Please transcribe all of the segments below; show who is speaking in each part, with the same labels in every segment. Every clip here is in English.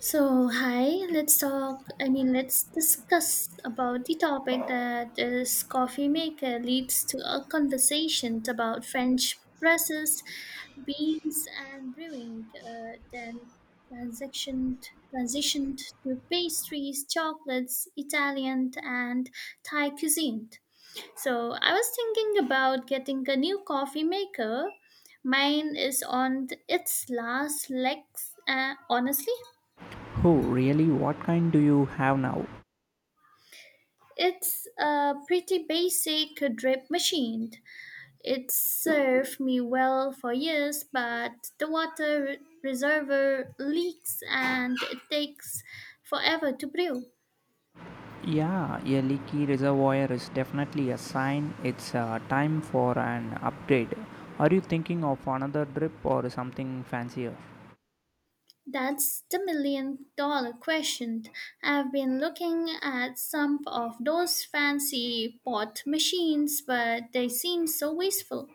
Speaker 1: So, hi, let's talk, I mean, let's discuss about the topic that is coffee maker leads to a conversation about French presses, beans, and brewing, then transitioned, transitioned to pastries, chocolates, Italian, and Thai cuisine. So, I was thinking about getting a new coffee maker. Mine is on its last legs, honestly.
Speaker 2: Oh, really? What kind do you have now?
Speaker 1: It's a pretty basic drip machine. It served me well for years, but the reservoir leaks and it takes forever to brew.
Speaker 2: Yeah, a leaky reservoir is definitely a sign it's time for an upgrade. Are you thinking of another drip or something fancier?
Speaker 1: That's the million dollar question. I've been looking at some of those fancy pot machines, but they seem so wasteful.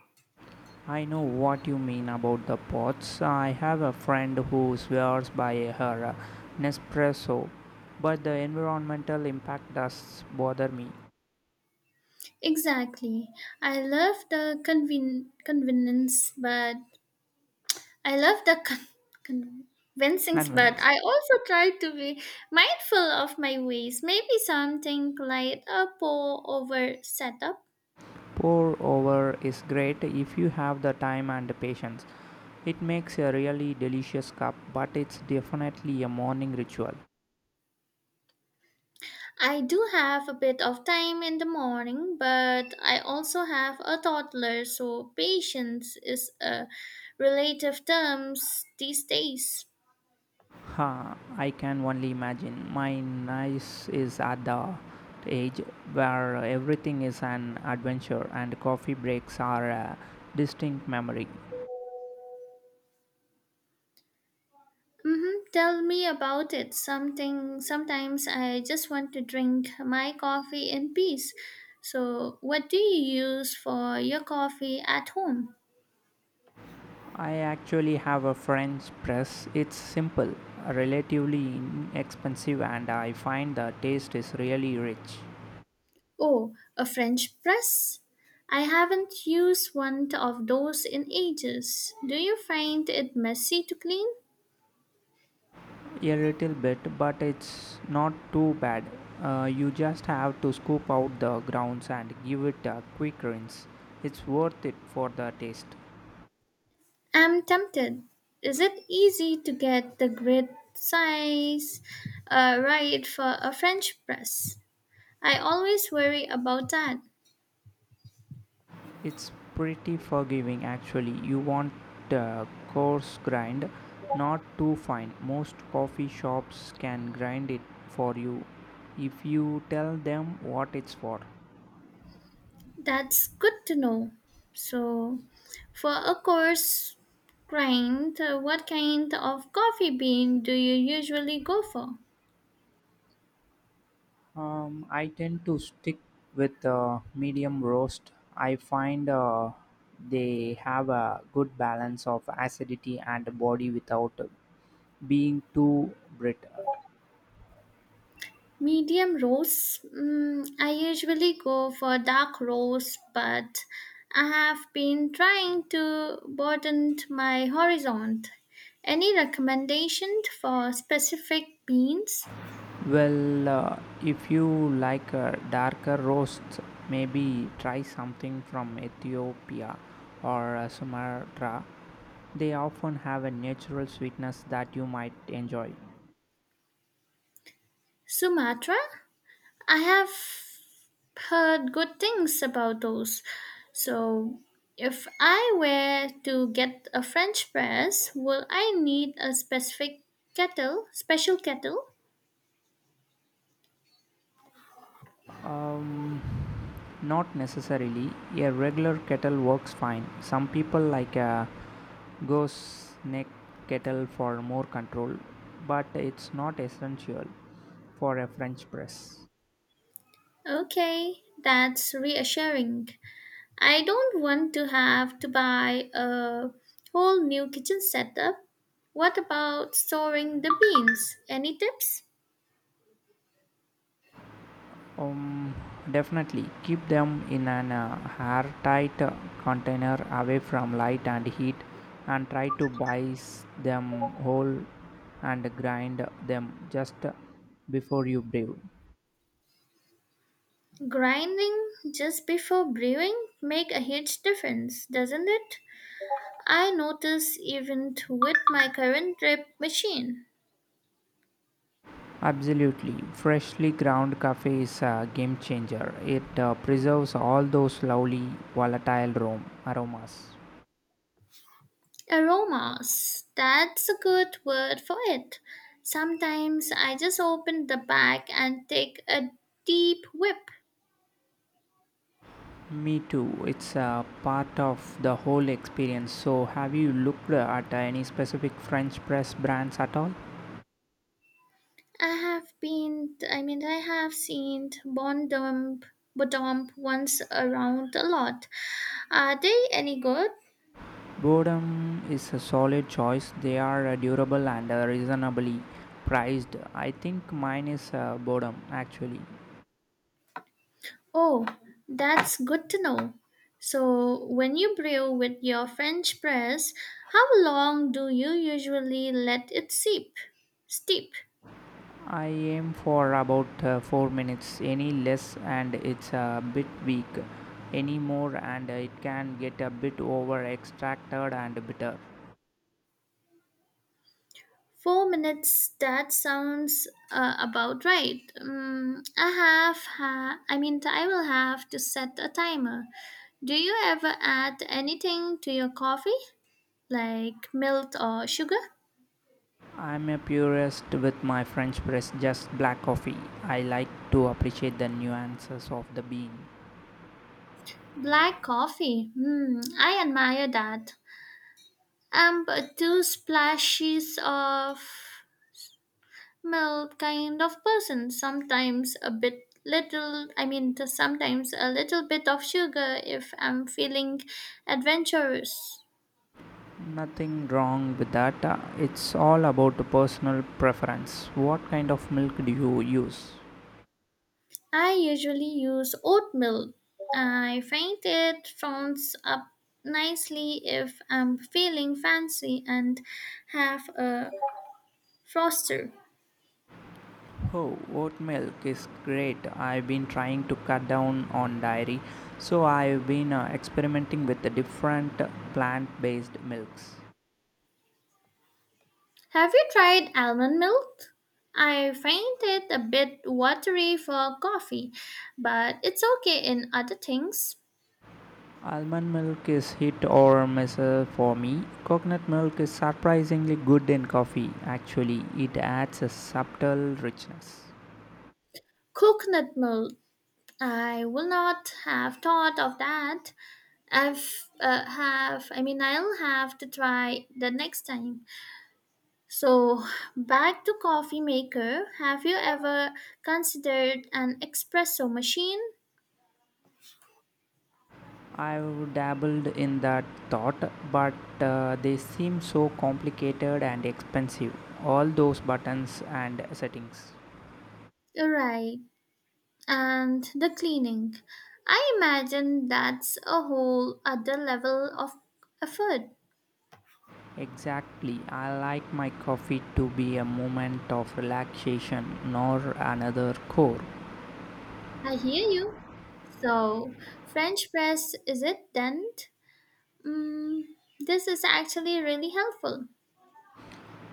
Speaker 2: I know what you mean about the pots. I have a friend who swears by her Nespresso, but the environmental impact does bother me.
Speaker 1: Exactly. I love the convenience, but I love the convincing, but
Speaker 2: Convenience.
Speaker 1: I also try to be mindful of my ways. Maybe something like a pour over setup.
Speaker 2: Pour over is great if you have the time and the patience. It makes a really delicious cup, but it's definitely a morning ritual.
Speaker 1: I do have a bit of time in the morning, but I also have a toddler, so patience is a relative term these days.
Speaker 2: Ha, I can only imagine. My niece is at the age where everything is an adventure and coffee breaks are a distinct memory.
Speaker 1: Mm-hmm. Tell me about it. Something sometimes I just want to drink my coffee in peace. So, what do you use for your coffee at home?
Speaker 2: I actually have a French press. It's simple, relatively inexpensive, and I find the taste is really rich.
Speaker 1: Oh, a French press? I haven't used one of those in ages. Do you find it messy to clean?
Speaker 2: A little bit, but it's not too bad. You just have to scoop out the grounds and give it a quick rinse. It's worth it for the taste.
Speaker 1: I'm tempted. Is it easy to get the grid size right for a French press? I always worry about that.
Speaker 2: It's pretty forgiving actually. You want a coarse grind, not too fine. Most coffee shops can grind it for you if you tell them what it's for.
Speaker 1: That's good to know. So, for a course grind, what kind of coffee bean do you usually go for?
Speaker 2: I tend to stick with medium roast. I find they have a good balance of acidity and body without being too bitter.
Speaker 1: Medium roast. I usually go for dark roast, but I have been trying to broaden my horizon. Any recommendation for specific beans?
Speaker 2: Well, if you like darker roasts, maybe try something from Ethiopia or Sumatra. They often have a natural sweetness that you might enjoy.
Speaker 1: Sumatra? I have heard good things about those. So, if I were to get a French press, will I need a specific kettle, special kettle?
Speaker 2: Um, Not necessarily. A regular kettle works fine. Some people like a ghost neck kettle for more control, but it's not essential for a French press.
Speaker 1: Okay, that's reassuring. I don't want to have to buy a whole new kitchen setup. What about storing the beans? Any tips?
Speaker 2: Um, Definitely keep them in an airtight container away from light and heat and try to buy them whole and grind them just before you brew.
Speaker 1: Grinding just before brewing make a huge difference, doesn't it? I notice even with my current drip machine.
Speaker 2: Absolutely. Freshly ground cafe is a game changer. It preserves all those lovely volatile aromas.
Speaker 1: Aromas, that's a good word for it. Sometimes I just open the bag and take a deep whip.
Speaker 2: Me too. It's a part of the whole experience. So, have you looked at any specific French press brands at all?
Speaker 1: I have been, I mean, I have seen Bondump, Bodomp once around a lot. Are they any good?
Speaker 2: Boredom is a solid choice. They are durable and reasonably priced. I think mine is Boredom actually.
Speaker 1: Oh, that's good to know. So, when you brew with your French press, how long do you usually let it steep? Steep.
Speaker 2: I aim for about 4 minutes, any less, and it's a bit weak. Any more, and it can get a bit over extracted and bitter.
Speaker 1: 4 minutes. That sounds about right. I have. I mean, I will have to set a timer. Do you ever add anything to your coffee, like milk or sugar?
Speaker 2: I'm a purist with my French press, just black coffee. I like to appreciate the nuances of the bean.
Speaker 1: Black coffee. Hmm, I admire that. I'm a two splashes of milk kind of person. Sometimes a bit little, I mean, sometimes a little bit of sugar if I'm feeling adventurous.
Speaker 2: Nothing wrong with that. It's all about personal preference. What kind of milk do you use?
Speaker 1: I usually use oat milk. I find it founds up nicely if I'm feeling fancy and have a froster.
Speaker 2: Oh, oat milk is great. I've been trying to cut down on dairy, so I've been experimenting with the different plant-based milks.
Speaker 1: Have you tried almond milk? I find it a bit watery for coffee, but it's okay in other things.
Speaker 2: Almond milk is hit or miss for me. Coconut milk is surprisingly good in coffee. Actually, it adds a subtle richness.
Speaker 1: Coconut milk. I will not have thought of that. I've have I mean I'll have to try the next time. So back to coffee maker. Have you ever considered an espresso machine?
Speaker 2: I've dabbled in that thought, but they seem so complicated and expensive. All those buttons and settings.
Speaker 1: Right. And the cleaning. I imagine that's a whole other level of effort.
Speaker 2: Exactly. I like my coffee to be a moment of relaxation, nor another chore.
Speaker 1: I hear you. So, French press, is it then? Mm, this is actually really helpful.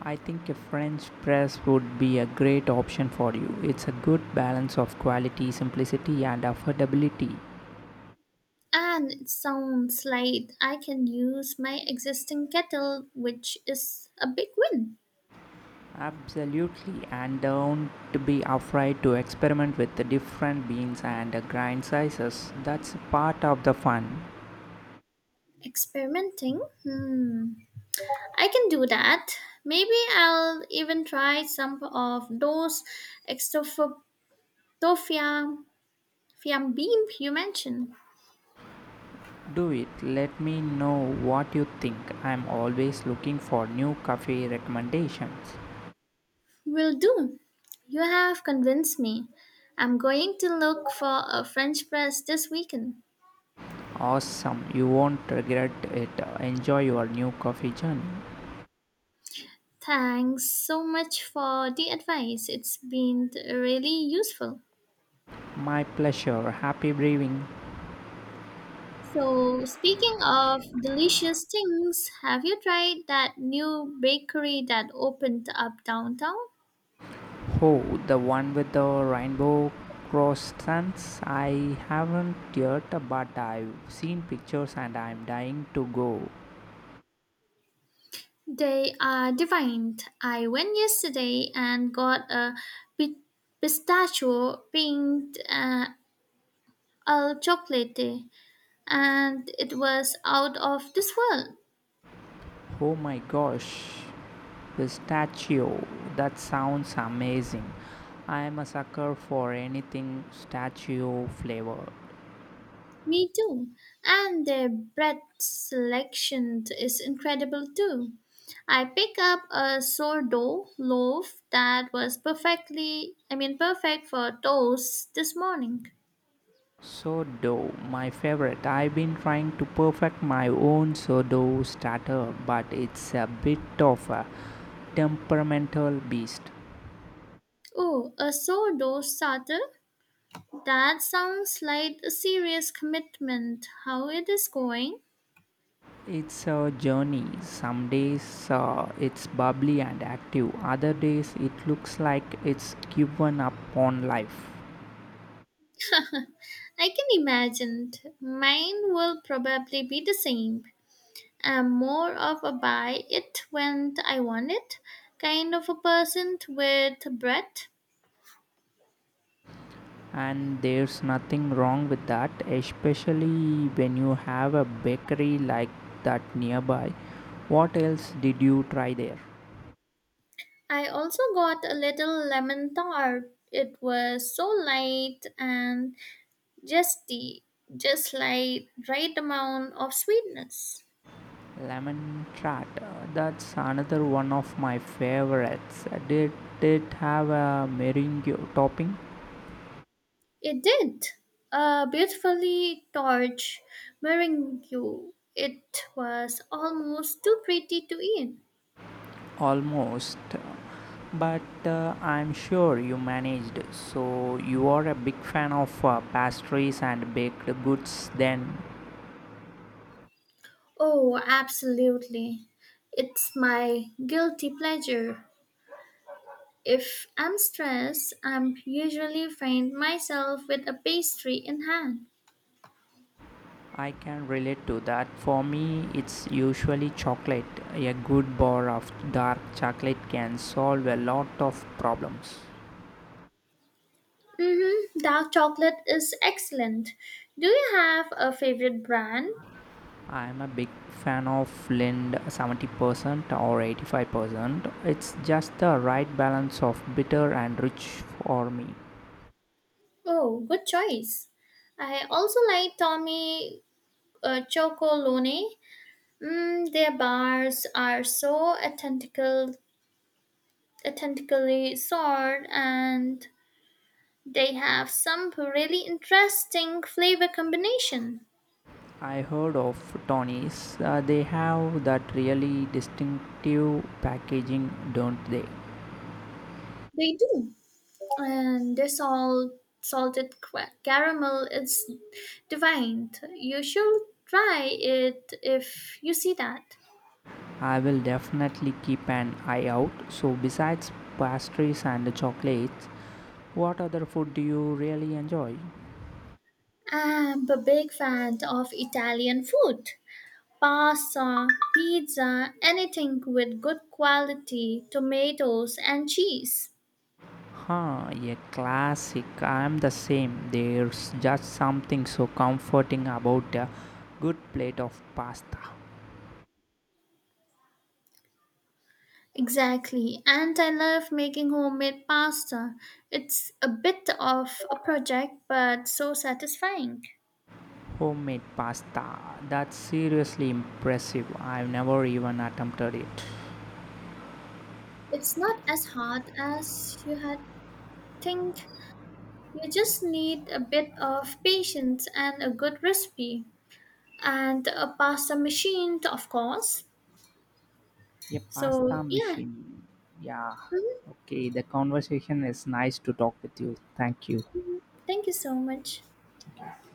Speaker 2: I think a French press would be a great option for you. It's a good balance of quality, simplicity, and affordability.
Speaker 1: And it sounds like I can use my existing kettle, which is a big win.
Speaker 2: Absolutely, and don't be afraid to experiment with the different beans and grind sizes. That's part of the fun.
Speaker 1: Experimenting? Hmm. I can do that. Maybe I'll even try some of those extofia. Yeah, beam you mentioned
Speaker 2: Do it. Let me know what you think. I'm always looking for new coffee recommendations.
Speaker 1: will do. You have convinced me. I'm going to look for a French press this weekend.
Speaker 2: Awesome. You won't regret it. Enjoy your new coffee journey.
Speaker 1: Thanks so much for the advice. It's been really useful.
Speaker 2: My pleasure. Happy brewing.
Speaker 1: So, speaking of delicious things, have you tried that new bakery that opened up downtown?
Speaker 2: Oh, the one with the rainbow croissants? I haven't yet, but I've seen pictures and I'm dying to go.
Speaker 1: They are divine. I went yesterday and got a pi- pistachio pink. A chocolate day, and it was out of this world.
Speaker 2: Oh my gosh. Pistachio. That sounds amazing. I am a sucker for anything statue flavor.
Speaker 1: Me too. And their bread selection is incredible too. I picked up a sourdough loaf that was perfectly, I mean, perfect for toast this morning.
Speaker 2: Sourdough, my favorite. I've been trying to perfect my own sourdough starter, but it's a bit of a temperamental beast.
Speaker 1: Oh, a sourdough starter? That sounds like a serious commitment. How it is going?
Speaker 2: It's a journey. Some days it's bubbly and active, other days it looks like it's given up on life.
Speaker 1: I can imagine. Mine will probably be the same. I'm more of a buy it when I want it kind of a person with bread.
Speaker 2: And there's nothing wrong with that, especially when you have a bakery like that nearby. What else did you try there?
Speaker 1: I also got a little lemon tart. It was so light and zesty, just like right amount of sweetness.
Speaker 2: Lemon tart. That's another one of my favorites. Did it have a meringue topping?
Speaker 1: It did. A beautifully torch meringue. It was almost too pretty to eat.
Speaker 2: Almost. But I'm sure you managed. So you are a big fan of pastries and baked goods then.
Speaker 1: Oh, absolutely. It's my guilty pleasure. If I'm stressed, I'm usually find myself with a pastry in hand.
Speaker 2: I can relate to that. For me, it's usually chocolate. A good bar of dark chocolate can solve a lot of problems.
Speaker 1: Mm-hmm. Dark chocolate is excellent. Do you have a favorite brand?
Speaker 2: I'm a big fan of lend 70% or 85%. It's just the right balance of bitter and rich for me.
Speaker 1: Oh, good choice. I also like Tommy Chocolone. Their bars are so authentically sourced, and they have some really interesting flavor combination.
Speaker 2: I heard of Tony's. They have that really distinctive packaging, don't they?
Speaker 1: They do. And the caramel is divine. You should try it if you see that.
Speaker 2: I will definitely keep an eye out. So, besides pastries and chocolates, what other food do you really enjoy?
Speaker 1: I'm a big fan of Italian food. Pasta, pizza, anything with good quality tomatoes and cheese.
Speaker 2: Huh, a classic. I am the same. There's just something so comforting about a good plate of pasta.
Speaker 1: Exactly, and I love making homemade pasta. It's a bit of a project, but so satisfying.
Speaker 2: Homemade pasta. That's seriously impressive. I've never even attempted it.
Speaker 1: It's not as hard as you had think. You just need a bit of patience and a good recipe, and a pasta machine, of course.
Speaker 2: A pasta
Speaker 1: So, yeah.
Speaker 2: machine. Yeah.
Speaker 1: Mhm.
Speaker 2: Okay, the conversation is nice to talk with you. Thank you.
Speaker 1: Thank you so much.
Speaker 2: Thank you.